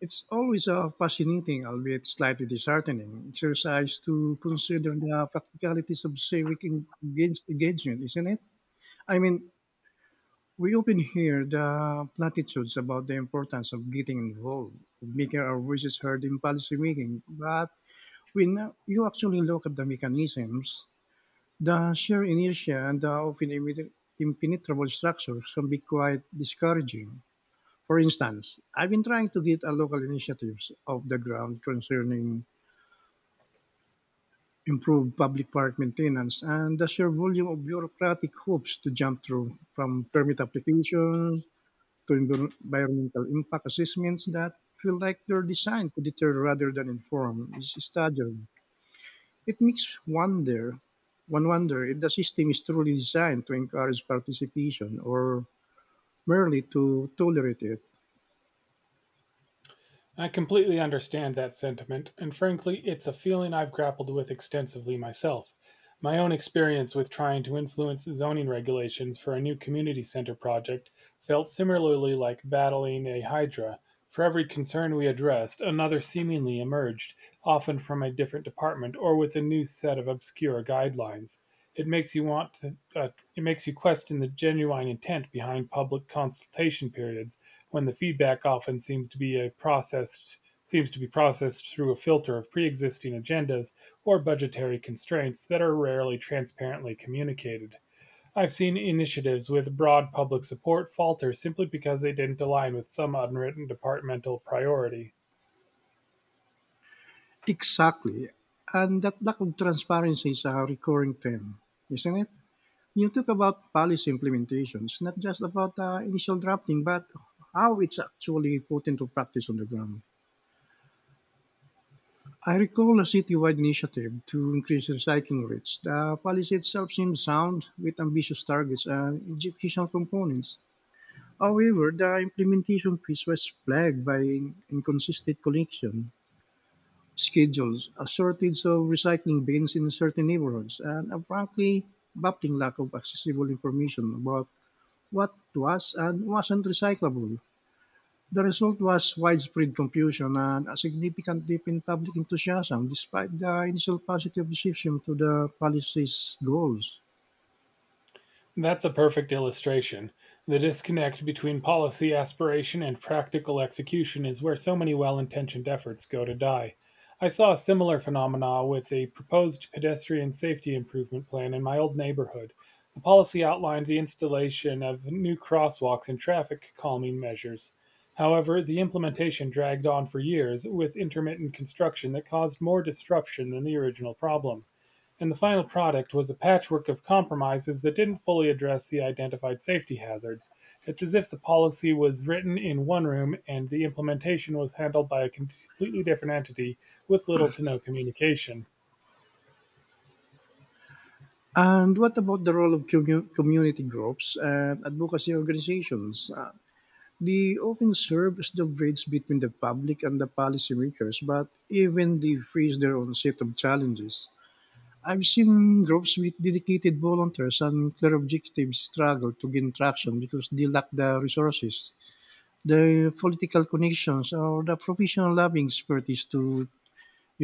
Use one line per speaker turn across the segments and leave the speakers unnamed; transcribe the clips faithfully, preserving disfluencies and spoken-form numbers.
It's always a fascinating, albeit slightly disheartening, exercise to consider the practicalities of civic engage- engagement, isn't it? I mean, we often hear the platitudes about the importance of getting involved, of making our voices heard in policy making, but when you actually look at the mechanisms, the sheer inertia and the often impenetrable structures can be quite discouraging. For instance, I've been trying to get a local initiatives off the ground concerning improved public park maintenance and the sheer volume of bureaucratic hoops to jump through from permit applications to envir- environmental impact assessments that feel like they're designed to deter rather than inform is staggering. It makes wonder one wonder if the system is truly designed to encourage participation or merely to tolerate it.
I completely understand that sentiment, and frankly, it's a feeling I've grappled with extensively myself. My own experience with trying to influence zoning regulations for a new community center project felt similarly like battling a hydra. For every concern we addressed, another seemingly emerged, often from a different department or with a new set of obscure guidelines. It makes you want to, uh, it makes you question the genuine intent behind public consultation periods when the feedback often seems to be a processed seems to be processed through a filter of pre-existing agendas or budgetary constraints that are rarely transparently communicated. I've seen initiatives with broad public support falter simply because they didn't align with some unwritten departmental priority.
Exactly. And that lack of transparency is a recurring theme, isn't it? You talk about policy implementations, not just about uh, initial drafting, but how it's actually put into practice on the ground. I recall a citywide initiative to increase recycling rates. The policy itself seemed sound with ambitious targets and execution components. However, the implementation piece was plagued by inconsistent collection schedules, a shortage of recycling bins in certain neighborhoods, and a frankly baffling lack of accessible information about what was and wasn't recyclable. The result was widespread confusion and a significant dip in public enthusiasm despite the initial positive reception to the policy's goals.
That's a perfect illustration. The disconnect between policy aspiration and practical execution is where so many well intentioned efforts go to die. I saw a similar phenomena with a proposed pedestrian safety improvement plan in my old neighborhood. The policy outlined the installation of new crosswalks and traffic calming measures. However, the implementation dragged on for years with intermittent construction that caused more disruption than the original problem, and the final product was a patchwork of compromises that didn't fully address the identified safety hazards. It's as if the policy was written in one room and the implementation was handled by a completely different entity with little to no communication.
And what about the role of commu- community groups and advocacy organizations? Uh, They often serve as the bridge between the public and the policymakers, but even they face their own set of challenges. I've seen groups with dedicated volunteers and clear objectives struggle to gain traction because they lack the resources, the political connections, or the professional lobbying expertise to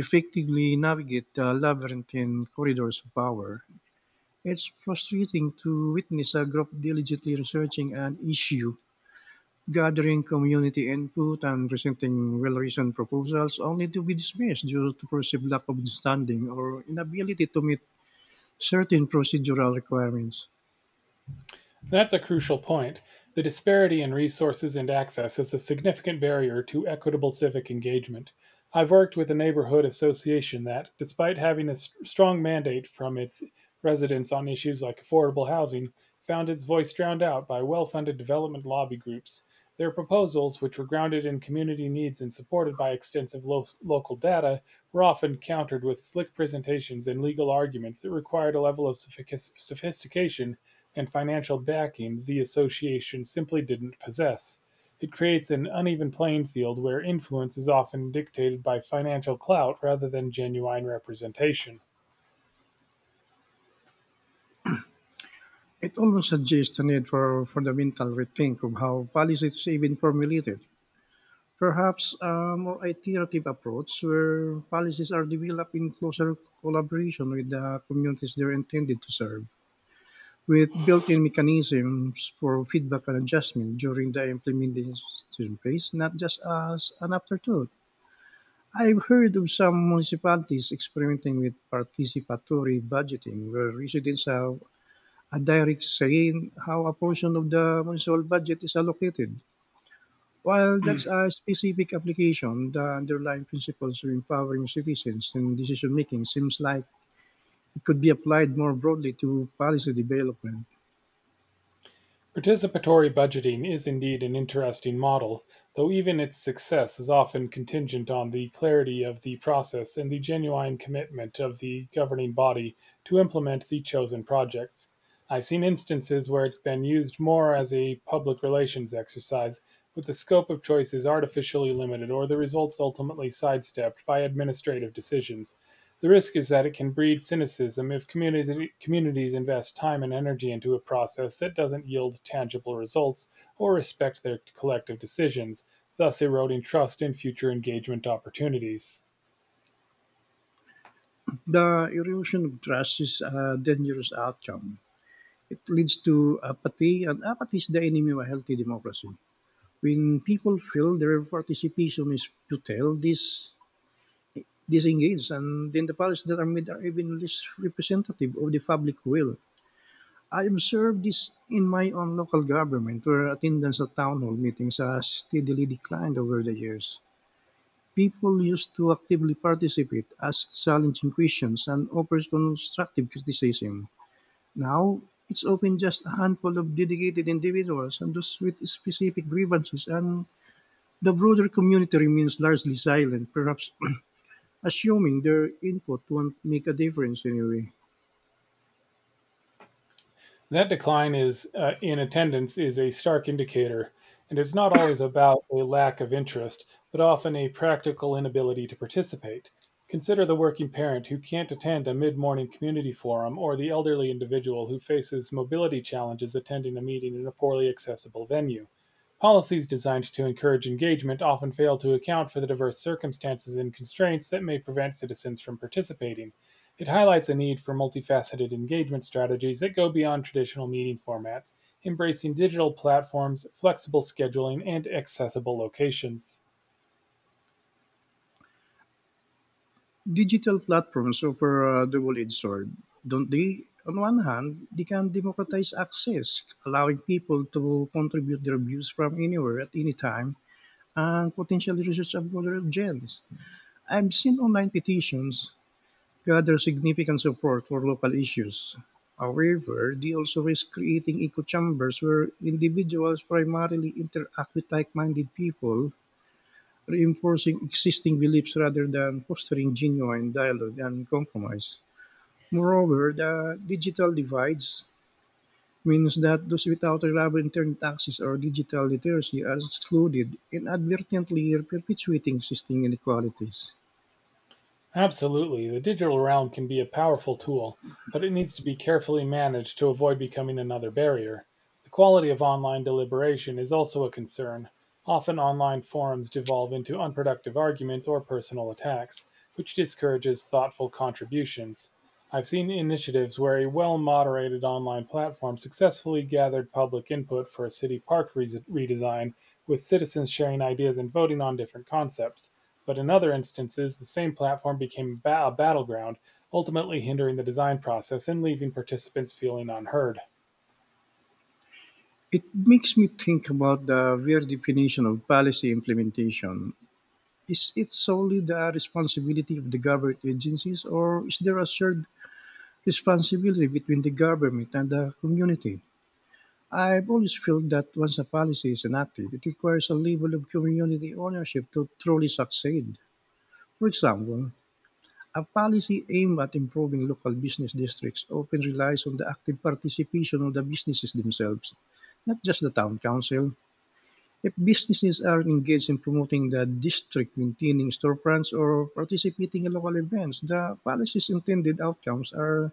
effectively navigate the labyrinthine corridors of power. It's frustrating to witness a group diligently researching an issue, gathering community input and presenting well reasoned proposals only to be dismissed due to perceived lack of understanding or inability to meet certain procedural requirements.
That's a crucial point. The disparity in resources and access is a significant barrier to equitable civic engagement. I've worked with a neighborhood association that, despite having a strong mandate from its residents on issues like affordable housing, found its voice drowned out by well funded development lobby groups. Their proposals, which were grounded in community needs and supported by extensive lo- local data, were often countered with slick presentations and legal arguments that required a level of sophistication and financial backing the association simply didn't possess. It creates an uneven playing field where influence is often dictated by financial clout rather than genuine representation.
It almost suggests a need for fundamental rethink of how policies is even formulated. Perhaps a more iterative approach where policies are developed in closer collaboration with the communities they're intended to serve, with built-in mechanisms for feedback and adjustment during the implementation phase, not just as an afterthought. I've heard of some municipalities experimenting with participatory budgeting, where residents have a direct say in how a portion of the municipal budget is allocated. While that's a specific application, the underlying principles of empowering citizens in decision making seems like it could be applied more broadly to policy development.
Participatory budgeting is indeed an interesting model, though even its success is often contingent on the clarity of the process and the genuine commitment of the governing body to implement the chosen projects. I've seen instances where it's been used more as a public relations exercise, with the scope of choices artificially limited or the results ultimately sidestepped by administrative decisions. The risk is that it can breed cynicism if communities, communities invest time and energy into a process that doesn't yield tangible results or respect their collective decisions, thus eroding trust in future engagement opportunities.
The erosion of trust is a dangerous outcome. It leads to apathy, and apathy is the enemy of a healthy democracy. When people feel their participation is futile, this disengages, and then the powers that are made are even less representative of the public will. I observed this in my own local government, where attendance at town hall meetings has steadily declined over the years. People used to actively participate, ask challenging questions, and offer constructive criticism. Now, it's often just a handful of dedicated individuals and those with specific grievances, and the broader community remains largely silent, perhaps assuming their input won't make a difference anyway.
That decline is, uh, in attendance, is a stark indicator, and it's not always about a lack of interest, but often a practical inability to participate. Consider the working parent who can't attend a mid morning community forum or the elderly individual who faces mobility challenges attending a meeting in a poorly accessible venue. Policies designed to encourage engagement often fail to account for the diverse circumstances and constraints that may prevent citizens from participating. It highlights a need for multifaceted engagement strategies that go beyond traditional meeting formats, embracing digital platforms, flexible scheduling, and accessible locations.
Digital platforms offer a double edged sword, don't they? On one hand, they can democratize access, allowing people to contribute their views from anywhere at any time and potentially research a broader audience. I've seen online petitions gather significant support for local issues. However, they also risk creating echo chambers where individuals primarily interact with like minded people, reinforcing existing beliefs rather than fostering genuine dialogue and compromise. Moreover, the digital divides means that those without reliable internet access or digital literacy are excluded, inadvertently perpetuating existing inequalities.
Absolutely. The digital realm can be a powerful tool, but it needs to be carefully managed to avoid becoming another barrier. The quality of online deliberation is also a concern. Often online forums devolve into unproductive arguments or personal attacks, which discourages thoughtful contributions. I've seen initiatives where a well moderated online platform successfully gathered public input for a city park re- redesign, with citizens sharing ideas and voting on different concepts. But in other instances, the same platform became a battleground, ultimately hindering the design process and leaving participants feeling unheard.
It makes me think about the weird definition of policy implementation. Is it solely the responsibility of the government agencies, or is there a shared responsibility between the government and the community? I've always felt that once a policy is enacted, it requires a level of community ownership to truly succeed. For example, a policy aimed at improving local business districts often relies on the active participation of the businesses themselves, not just the town council. If businesses are engaged in promoting the district, maintaining storefronts, or participating in local events, the policy's intended outcomes are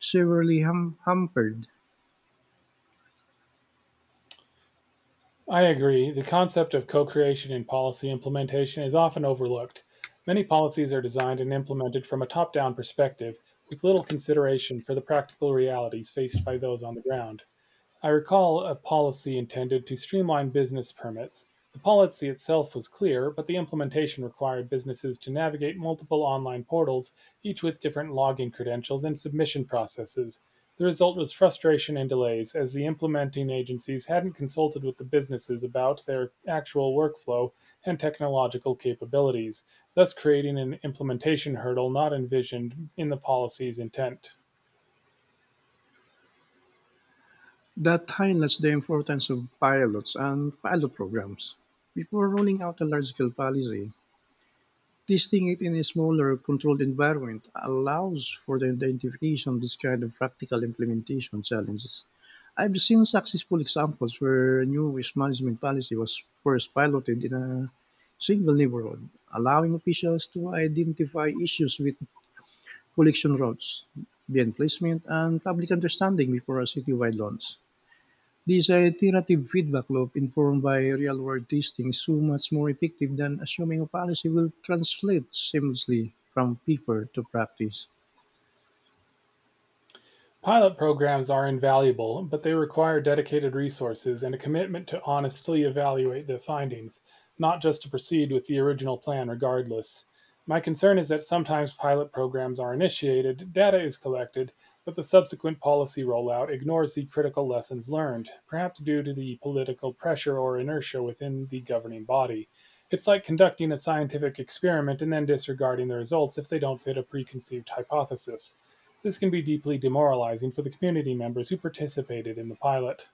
severely hum- hampered.
I agree, the concept of co creation in policy implementation is often overlooked. Many policies are designed and implemented from a top down perspective, with little consideration for the practical realities faced by those on the ground. I recall a policy intended to streamline business permits. The policy itself was clear, but the implementation required businesses to navigate multiple online portals, each with different login credentials and submission processes. The result was frustration and delays, as the implementing agencies hadn't consulted with the businesses about their actual workflow and technological capabilities, thus creating an implementation hurdle not envisioned in the policy's intent.
That highlights the importance of pilots and pilot programs. Before rolling out a large scale policy, testing it in a smaller, controlled environment allows for the identification of this kind of practical implementation challenges. I've seen successful examples where new waste management policy was first piloted in a single neighborhood, allowing officials to identify issues with collection routes, bin placement, and public understanding before a citywide launch. This uh, iterative feedback loop, informed by real world testing, is so much more effective than assuming a policy will translate seamlessly from paper to practice.
Pilot programs are invaluable, but they require dedicated resources and a commitment to honestly evaluate the findings, not just to proceed with the original plan regardless. My concern is that sometimes pilot programs are initiated, data is collected, but the subsequent policy rollout ignores the critical lessons learned, perhaps due to the political pressure or inertia within the governing body. It's like conducting a scientific experiment and then disregarding the results if they don't fit a preconceived hypothesis. This can be deeply demoralizing for the community members who participated in the pilot.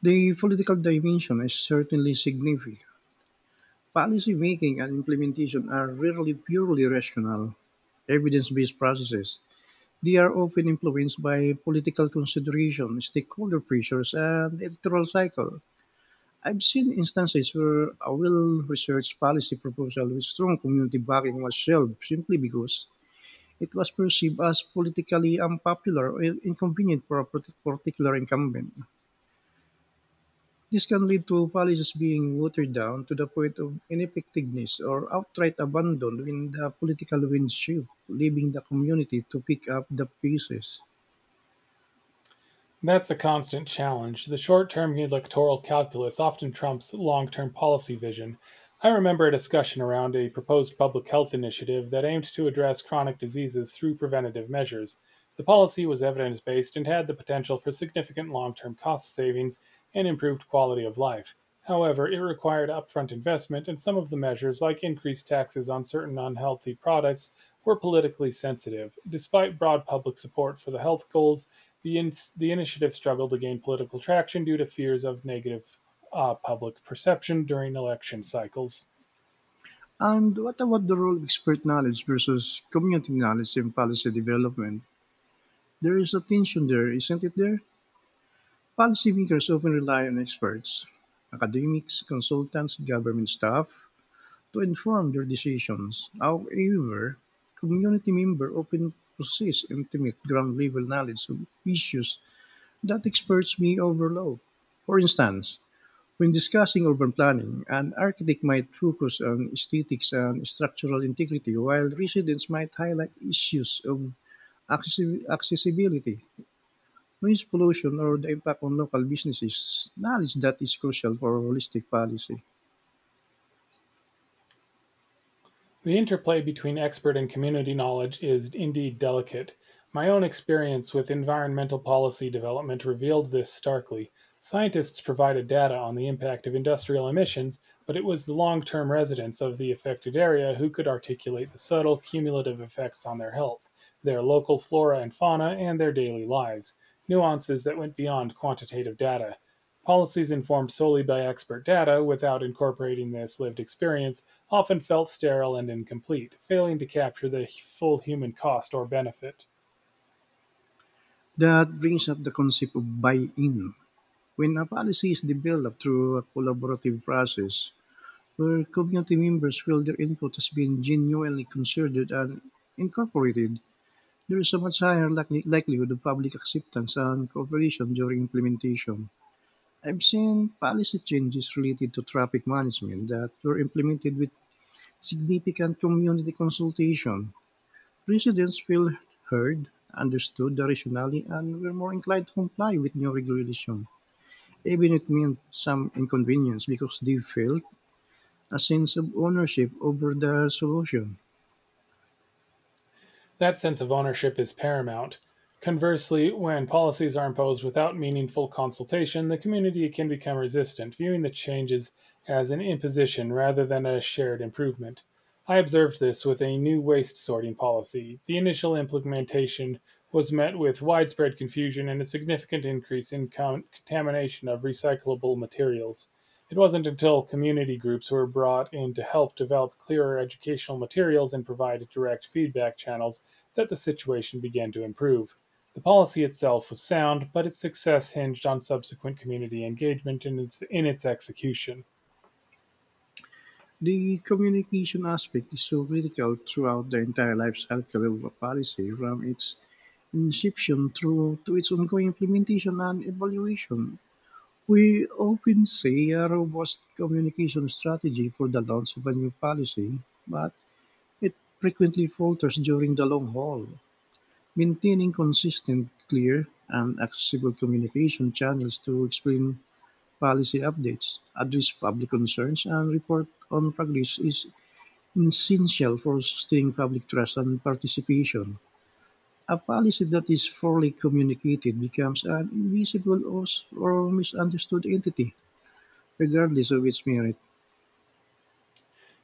The political dimension is certainly significant. Policy making and implementation are rarely purely rational, evidence based processes. They are often influenced by political consideration, stakeholder pressures, and electoral cycle. I've seen instances where a well researched policy proposal with strong community backing was shelved simply because it was perceived as politically unpopular or inconvenient for a partic- particular incumbent. This can lead to policies being watered down to the point of ineffectiveness or outright abandon when the political winds shift, leaving the community to pick up the pieces.
That's a constant challenge. The short-term electoral calculus often trumps long-term policy vision. I remember a discussion around a proposed public health initiative that aimed to address chronic diseases through preventative measures. The policy was evidence-based and had the potential for significant long-term cost savings and improved quality of life. However, it required upfront investment, and some of the measures, like increased taxes on certain unhealthy products, were politically sensitive. Despite broad public support for the health goals, the, in- the initiative struggled to gain political traction due to fears of negative, uh, public perception during election cycles.
And what about the role of expert knowledge versus community knowledge in policy development? There is a tension there, isn't it there? Policymakers often rely on experts, academics, consultants, government staff to inform their decisions. However, community members often possess intimate ground level knowledge of issues that experts may overlook. For instance, when discussing urban planning, an architect might focus on aesthetics and structural integrity, while residents might highlight issues of accessi- accessibility. Noise pollution or the impact on local businesses, knowledge that is crucial for holistic policy.
The interplay between expert and community knowledge is indeed delicate. My own experience with environmental policy development revealed this starkly. Scientists provided data on the impact of industrial emissions, but it was the long term residents of the affected area who could articulate the subtle cumulative effects on their health, their local flora and fauna, and their daily lives, nuances that went beyond quantitative data. Policies informed solely by expert data without incorporating this lived experience often felt sterile and incomplete, failing to capture the full human cost or benefit.
That brings up the concept of buy-in. When a policy is developed through a collaborative process, where community members feel their input has been genuinely considered and incorporated, there is a much higher likely- likelihood of public acceptance and cooperation during implementation. I've seen policy changes related to traffic management that were implemented with significant community consultation, residents feel heard, understood rationally, and were more inclined to comply with new regulation, even if it meant some inconvenience because they felt a sense of ownership over the solution.
That sense of ownership is paramount. Conversely, when policies are imposed without meaningful consultation, the community can become resistant, viewing the changes as an imposition rather than a shared improvement. I observed this with a new waste sorting policy. The initial implementation was met with widespread confusion and a significant increase in con- contamination of recyclable materials. It wasn't until community groups were brought in to help develop clearer educational materials and provide direct feedback channels that the situation began to improve. The policy itself was sound, but its success hinged on subsequent community engagement in its, in its execution.
The communication aspect is so critical throughout the entire life cycle of a policy, from its inception through to its ongoing implementation and evaluation. We often say a robust communication strategy for the launch of a new policy, but it frequently falters during the long haul. Maintaining consistent, clear, and accessible communication channels to explain policy updates, address public concerns, and report on progress is essential for sustaining public trust and participation. A policy that is poorly communicated becomes an invisible or or misunderstood entity, regardless of its merit.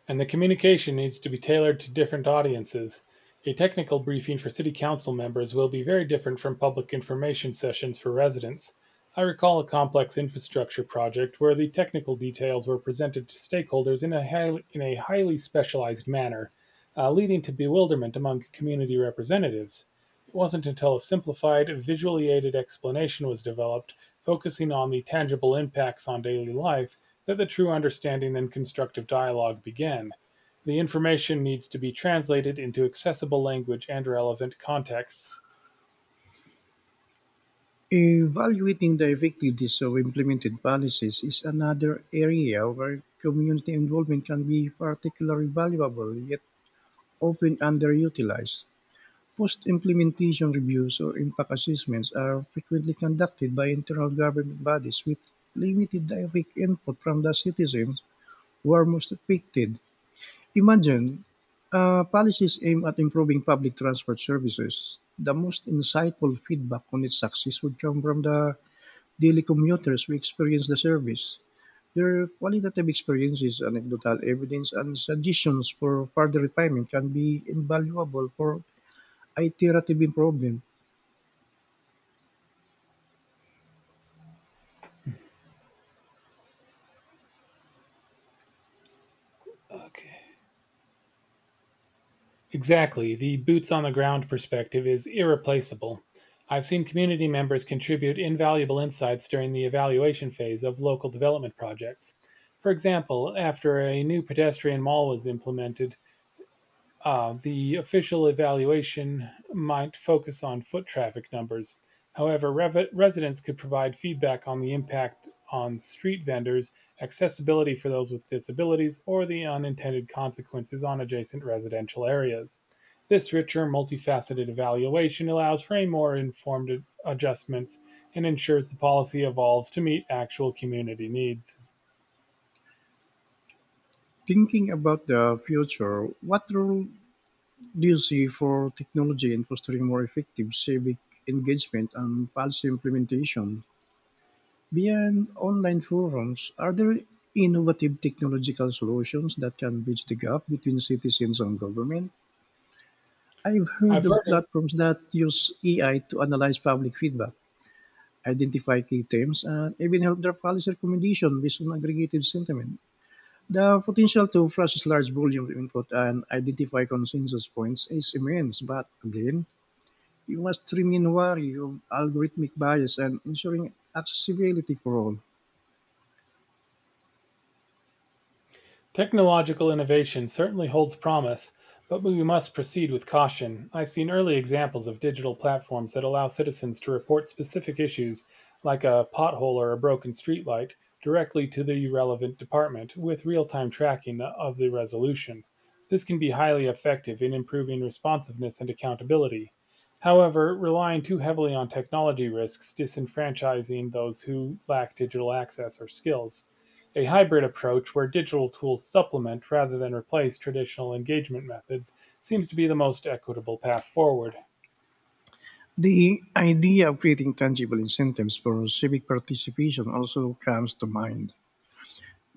And the communication needs to be tailored to different audiences. A technical briefing for city council members will be very different from public information sessions for residents. I recall a complex infrastructure project where the technical details were presented to stakeholders in a highly, in a highly specialized manner, uh, leading to bewilderment among community representatives. It wasn't until a simplified, visually aided explanation was developed, focusing on the tangible impacts on daily life, that the true understanding and constructive dialogue begin. The information needs to be translated into accessible language and relevant contexts.
Evaluating the effectiveness of implemented policies is another area where community involvement can be particularly valuable yet often underutilized. Post implementation reviews or impact assessments are frequently conducted by internal government bodies with limited direct input from the citizens who are most affected. Imagine uh, policies aimed at improving public transport services. The most insightful feedback on its success would come from the daily commuters who experience the service. Their qualitative experiences, anecdotal evidence, and suggestions for further refinement can be invaluable for iterative improvement.
Okay. Exactly, the boots on the ground perspective is irreplaceable. I've seen community members contribute invaluable insights during the evaluation phase of local development projects. For example, after a new pedestrian mall was implemented, Uh, the official evaluation might focus on foot traffic numbers. However, rev- residents could provide feedback on the impact on street vendors, accessibility for those with disabilities, or the unintended consequences on adjacent residential areas. This richer, multifaceted evaluation allows for a more informed adjustments and ensures the policy evolves to meet actual community needs.
Thinking about the future, what role do you see for technology in fostering more effective civic engagement and policy implementation? Beyond online forums, are there innovative technological solutions that can bridge the gap between citizens and government? I've heard
I've
of
heard it.
platforms that use A I to analyze public feedback, identify key themes, and even help draft policy recommendations based on aggregated sentiment. The potential to process large volumes of input and identify consensus points is immense, but again, you must remain wary of algorithmic bias and ensuring accessibility for all.
Technological innovation certainly holds promise, but we must proceed with caution. I've seen early examples of digital platforms that allow citizens to report specific issues, like a pothole or a broken streetlight, directly to the relevant department with real time tracking of the resolution. This can be highly effective in improving responsiveness and accountability. However, relying too heavily on technology risks disenfranchising those who lack digital access or skills. A hybrid approach where digital tools supplement rather than replace traditional engagement methods seems to be the most equitable path forward.
The idea of creating tangible incentives for civic participation also comes to mind.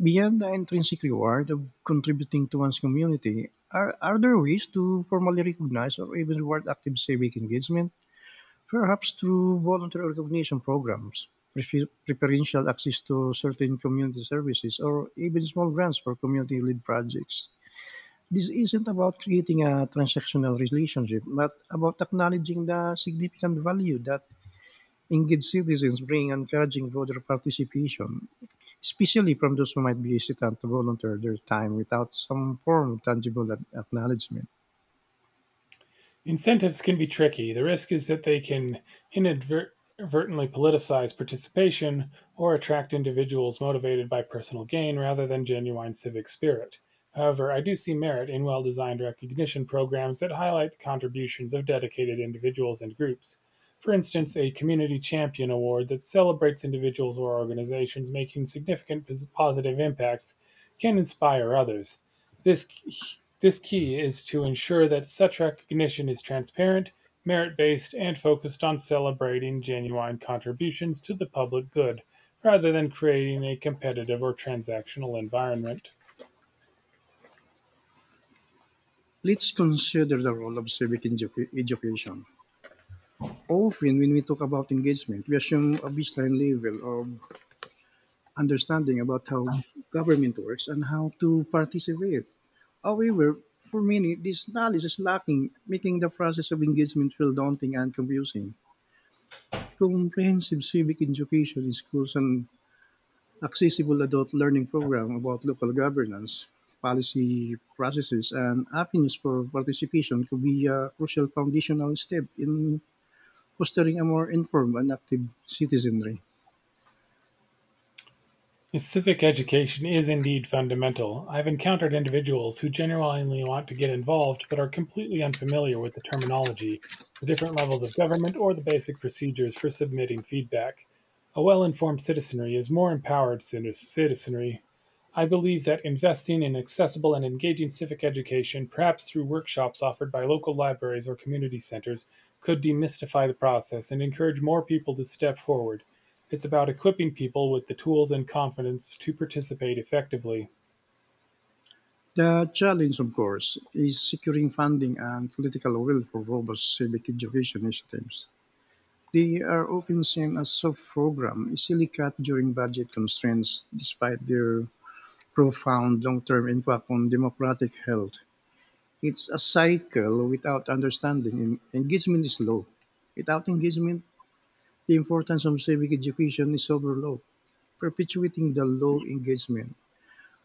Beyond the intrinsic reward of contributing to one's community, are, are there ways to formally recognize or even reward active civic engagement? Perhaps through voluntary recognition programs, prefer- preferential access to certain community services, or even small grants for community led projects. This isn't about creating a transactional relationship, but about acknowledging the significant value that engaged citizens bring and encouraging broader participation, especially from those who might be hesitant to volunteer their time without some form of tangible ac- acknowledgement.
Incentives can be tricky; the risk is that they can inadvertently politicize participation or attract individuals motivated by personal gain rather than genuine civic spirit. However, I do see merit in well designed recognition programs that highlight the contributions of dedicated individuals and groups. For instance, a Community Champion Award that celebrates individuals or organizations making significant positive impacts can inspire others. This this key is to ensure that such recognition is transparent, merit-based, and focused on celebrating genuine contributions to the public good, rather than creating a competitive or transactional environment.
Let's consider the role of civic edu- education. Often, when we talk about engagement, we assume a baseline level of understanding about how government works and how to participate. However, for many, this knowledge is lacking, making the process of engagement feel daunting and confusing. Comprehensive civic education in schools and accessible adult learning program about local governance, policy processes, and avenues for participation could be a crucial foundational step in fostering a more informed and active citizenry.
Yes, civic education is indeed fundamental. I've encountered individuals who genuinely want to get involved but are completely unfamiliar with the terminology, the different levels of government, or the basic procedures for submitting feedback. A well informed citizenry is more empowered citi- citizenry. I believe that investing in accessible and engaging civic education, perhaps through workshops offered by local libraries or community centers, could demystify the process and encourage more people to step forward. It's about equipping people with the tools and confidence to participate effectively.
The challenge, of course, is securing funding and political will for robust civic education initiatives. They are often seen as soft programs, easily cut during budget constraints, despite their profound long-term impact on democratic health. It's a cycle without understanding. En- Engagement is low. Without engagement, the importance of civic education is overlooked, perpetuating the low engagement.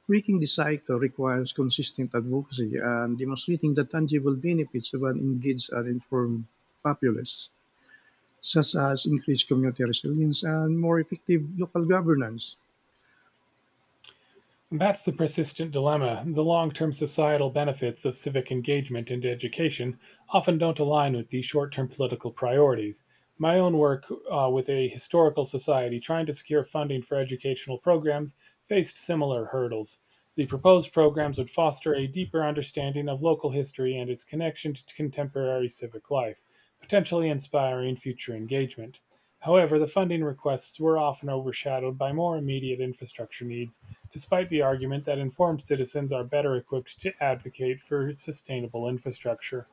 Breaking the cycle requires consistent advocacy and demonstrating the tangible benefits of an engaged and informed populace, such as increased community resilience and more effective local governance.
That's the persistent dilemma: the long-term societal benefits of civic engagement and education often don't align with the short-term political priorities. My own work uh, with a historical society trying to secure funding for educational programs faced similar hurdles. The proposed programs would foster a deeper understanding of local history and its connection to contemporary civic life, potentially inspiring future engagement. However, the funding requests were often overshadowed by more immediate infrastructure needs, despite the argument that informed citizens are better equipped to advocate for sustainable infrastructure.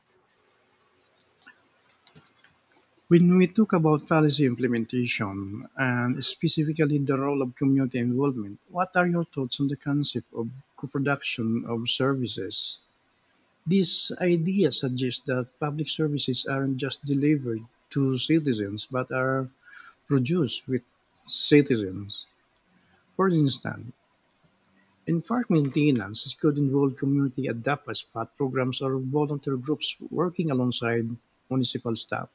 When we talk about policy implementation and specifically the role of community involvement, what are your thoughts on the concept of co-production of services? This idea suggests that public services aren't just delivered to citizens but are produced with citizens. For instance, environment maintenance could involve community adapt spot programs or volunteer groups working alongside municipal staff.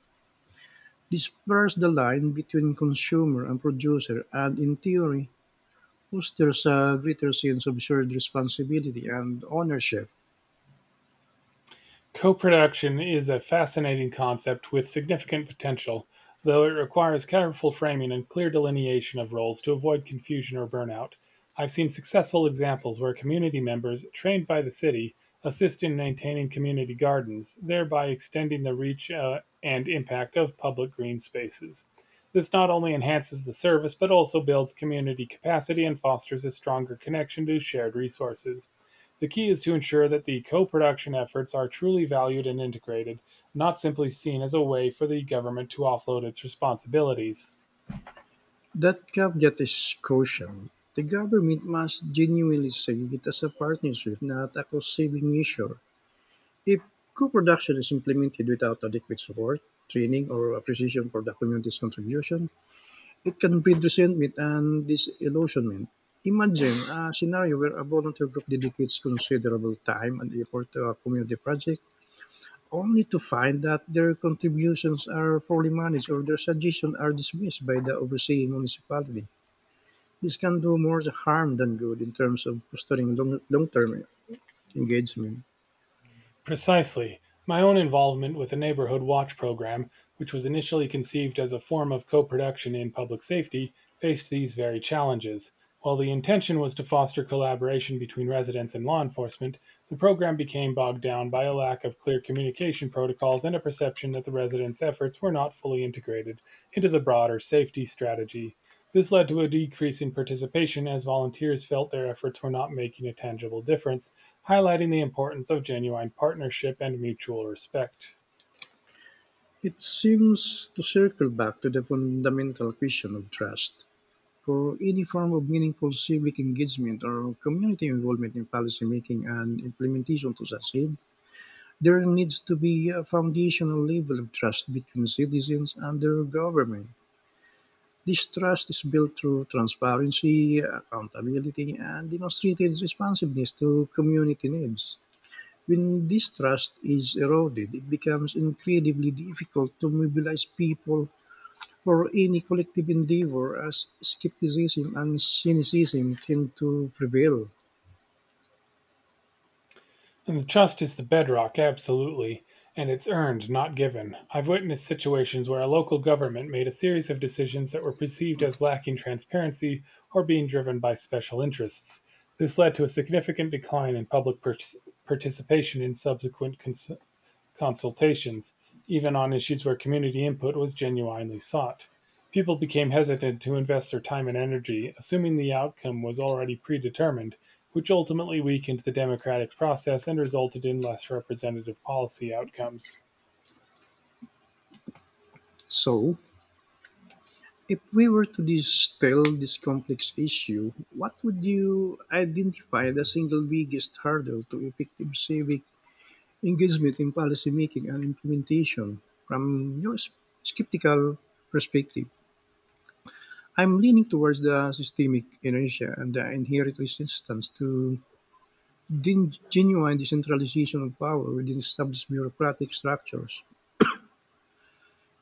This blurs the line between consumer and producer and, in theory, fosters a greater sense of shared responsibility and ownership.
Co-production is a fascinating concept with significant potential, though it requires careful framing and clear delineation of roles to avoid confusion or burnout. I've seen successful examples where community members, trained by the city, assist in maintaining community gardens, thereby extending the reach uh, and impact of public green spaces. This not only enhances the service, but also builds community capacity and fosters a stronger connection to shared resources. The key is to ensure that the co-production efforts are truly valued and integrated, not simply seen as a way for the government to offload its responsibilities.
That caveat is crucial. The government must genuinely see it as a partnership, not a cost saving measure. If co production is implemented without adequate support, training, or appreciation for the community's contribution, it can breed resentment and disillusionment. Imagine a scenario where a volunteer group dedicates considerable time and effort to a community project, only to find that their contributions are poorly managed or their suggestions are dismissed by the overseeing municipality. This can do more harm than good in terms of fostering long- long-term engagement.
Precisely, my own involvement with the Neighborhood Watch program, which was initially conceived as a form of co-production in public safety, faced these very challenges. While the intention was to foster collaboration between residents and law enforcement, the program became bogged down by a lack of clear communication protocols and a perception that the residents' efforts were not fully integrated into the broader safety strategy. This led to a decrease in participation as volunteers felt their efforts were not making a tangible difference, highlighting the importance of genuine partnership and mutual respect.
It seems to circle back to the fundamental question of trust. For any form of meaningful civic engagement or community involvement in policy making and implementation to succeed, there needs to be a foundational level of trust between citizens and their government. This trust is built through transparency, accountability, and demonstrated responsiveness to community needs. When this trust is eroded, it becomes incredibly difficult to mobilize people for any collective endeavor, as skepticism and cynicism tend to prevail.
And the trust is the bedrock, absolutely, and it's earned, not given. I've witnessed situations where a local government made a series of decisions that were perceived as lacking transparency or being driven by special interests. This led to a significant decline in public par- participation in subsequent cons- consultations, even on issues where community input was genuinely sought. People became hesitant to invest their time and energy, assuming the outcome was already predetermined, which ultimately weakened the democratic process and resulted in less representative policy outcomes.
So, if we were to distill this complex issue, what would you identify the single biggest hurdle to effective civic engagement in policymaking and implementation from your s- skeptical perspective? I'm leaning towards the systemic inertia and the inherent resistance to Gen- genuine decentralization of power within established bureaucratic structures.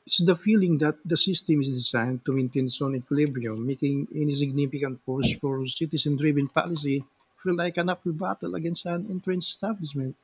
It's the feeling that the system is designed to maintain some equilibrium, making any significant push for citizen driven policy feel like an uphill battle against an entrenched establishment.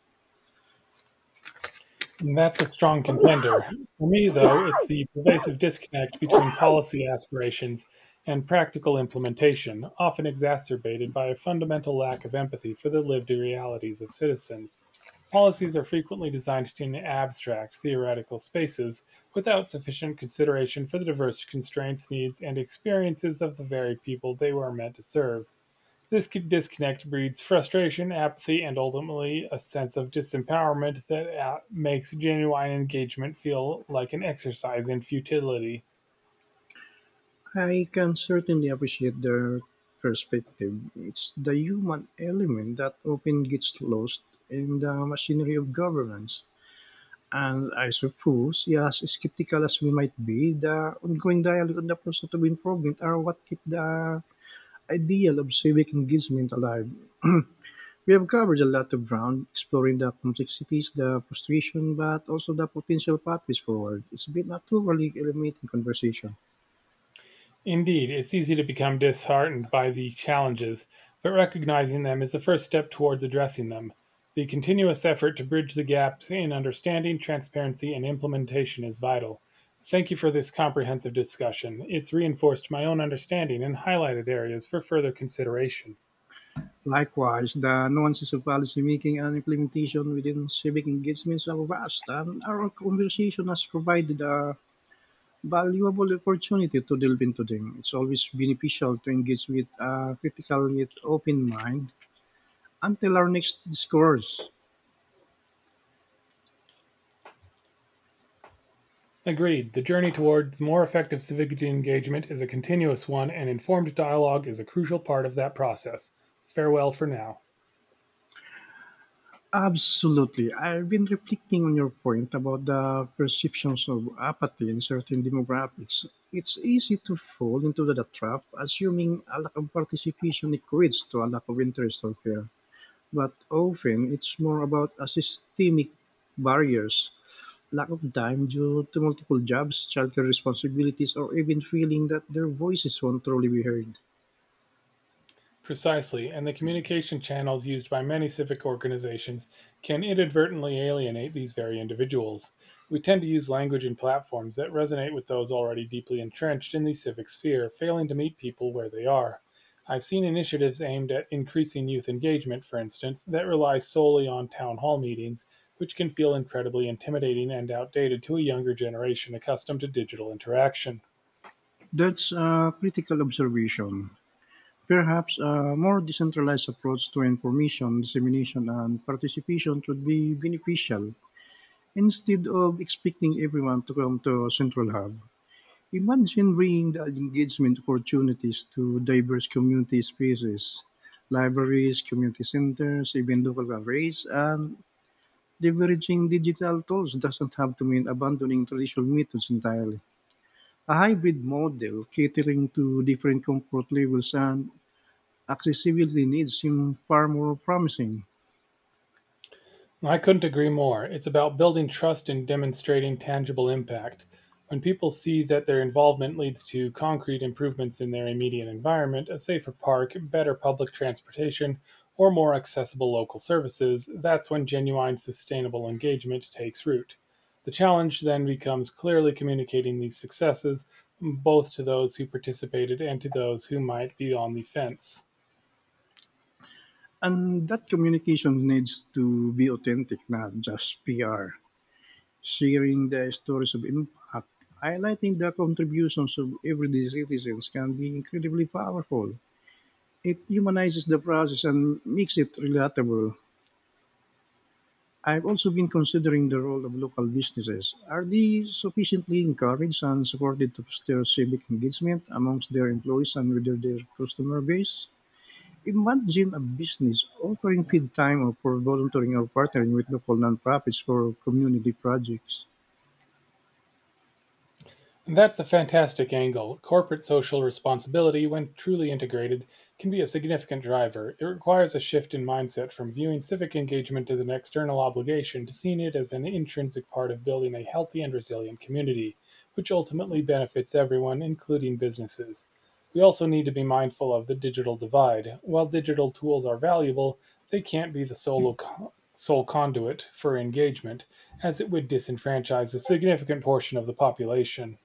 And that's a strong contender. For me, though, it's the pervasive disconnect between policy aspirations and practical implementation, often exacerbated by a fundamental lack of empathy for the lived realities of citizens. Policies are frequently designed in abstract, theoretical spaces without sufficient consideration for the diverse constraints, needs, and experiences of the very people they were meant to serve. This disconnect breeds frustration, apathy, and ultimately a sense of disempowerment that uh, makes genuine engagement feel like an exercise in futility.
I can certainly appreciate their perspective. It's the human element that often gets lost in the machinery of governance. And I suppose, yes, skeptical as we might be, the ongoing dialogue and the process of improvement are what keep the ideal of civic engagement alive. We have covered a lot of ground, exploring the complexities, the frustration, but also the potential pathways forward. It's been a thoroughly illuminating conversation.
Indeed, it's easy to become disheartened by the challenges, but recognizing them is the first step towards addressing them. The continuous effort to bridge the gaps in understanding, transparency, and implementation is vital. Thank you for this comprehensive discussion. It's reinforced my own understanding and highlighted areas for further consideration.
Likewise, the nuances of policymaking and implementation within civic engagements are vast, and our conversation has provided a valuable opportunity to delve into them. It's always beneficial to engage with a critical yet open mind until our next discourse.
Agreed. The journey towards more effective civic engagement is a continuous one, and informed dialogue is a crucial part of that process. Farewell for now.
Absolutely. I've been reflecting on your point about the perceptions of apathy in certain demographics. It's easy to fall into the trap, assuming a lack of participation equates to a lack of interest or care. But often it's more about a systemic barriers lack of time due to multiple jobs, childcare responsibilities, or even feeling that their voices won't truly be heard.
Precisely, and the communication channels used by many civic organizations can inadvertently alienate these very individuals. We tend to use language and platforms that resonate with those already deeply entrenched in the civic sphere, failing to meet people where they are. I've seen initiatives aimed at increasing youth engagement, for instance, that rely solely on town hall meetings, which can feel incredibly intimidating and outdated to a younger generation accustomed to digital interaction.
That's a critical observation. Perhaps a more decentralized approach to information, dissemination, and participation would be beneficial instead of expecting everyone to come to a central hub. Imagine bringing the engagement opportunities to diverse community spaces, libraries, community centers, even local cafes, and leveraging digital tools doesn't have to mean abandoning traditional methods entirely. A hybrid model catering to different comfort levels and accessibility needs seem far more promising.
I couldn't agree more. It's about building trust and demonstrating tangible impact. When people see that their involvement leads to concrete improvements in their immediate environment, a safer park, better public transportation, or more accessible local services, that's when genuine sustainable engagement takes root. The challenge then becomes clearly communicating these successes both to those who participated and to those who might be on the fence.
And that communication needs to be authentic, not just P R. Sharing the stories of impact, highlighting the contributions of everyday citizens can be incredibly powerful. It humanizes the process and makes it relatable. I've also been considering the role of local businesses. Are they sufficiently encouraged and supported to foster civic engagement amongst their employees and within their customer base? Imagine a business offering feed time or for volunteering or partnering with local nonprofits for community projects.
And that's a fantastic angle. Corporate social responsibility, when truly integrated, can be a significant driver. It requires a shift in mindset from viewing civic engagement as an external obligation to seeing it as an intrinsic part of building a healthy and resilient community, which ultimately benefits everyone, including businesses. We also need to be mindful of the digital divide. While digital tools are valuable, they can't be the sole, sole conduit for engagement, as it would disenfranchise a significant portion of the population.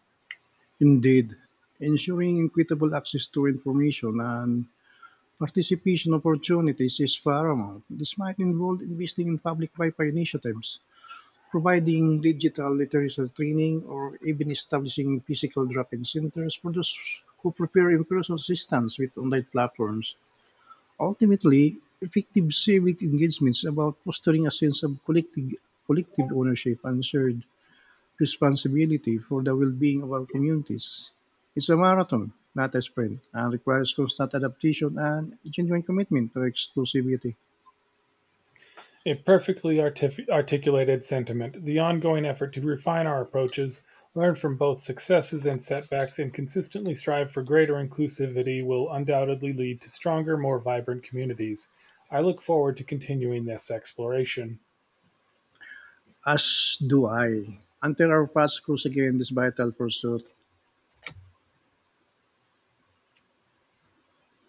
Indeed, ensuring equitable access to information and participation opportunities is paramount. This might involve investing in public Wi Fi initiatives providing digital literacy training, or even establishing physical drop-in centers for those who prepare in-person assistance with online platforms. Ultimately, effective civic engagement is about fostering a sense of collective, collective ownership and shared responsibility for the well-being of our communities. It's a marathon, not a sprint, and requires constant adaptation and genuine commitment to exclusivity.
A perfectly artif- articulated sentiment, the ongoing effort to refine our approaches, learn from both successes and setbacks, and consistently strive for greater inclusivity will undoubtedly lead to stronger, more vibrant communities. I look forward to continuing this exploration.
As do I. Until our paths cross again this vital pursuit.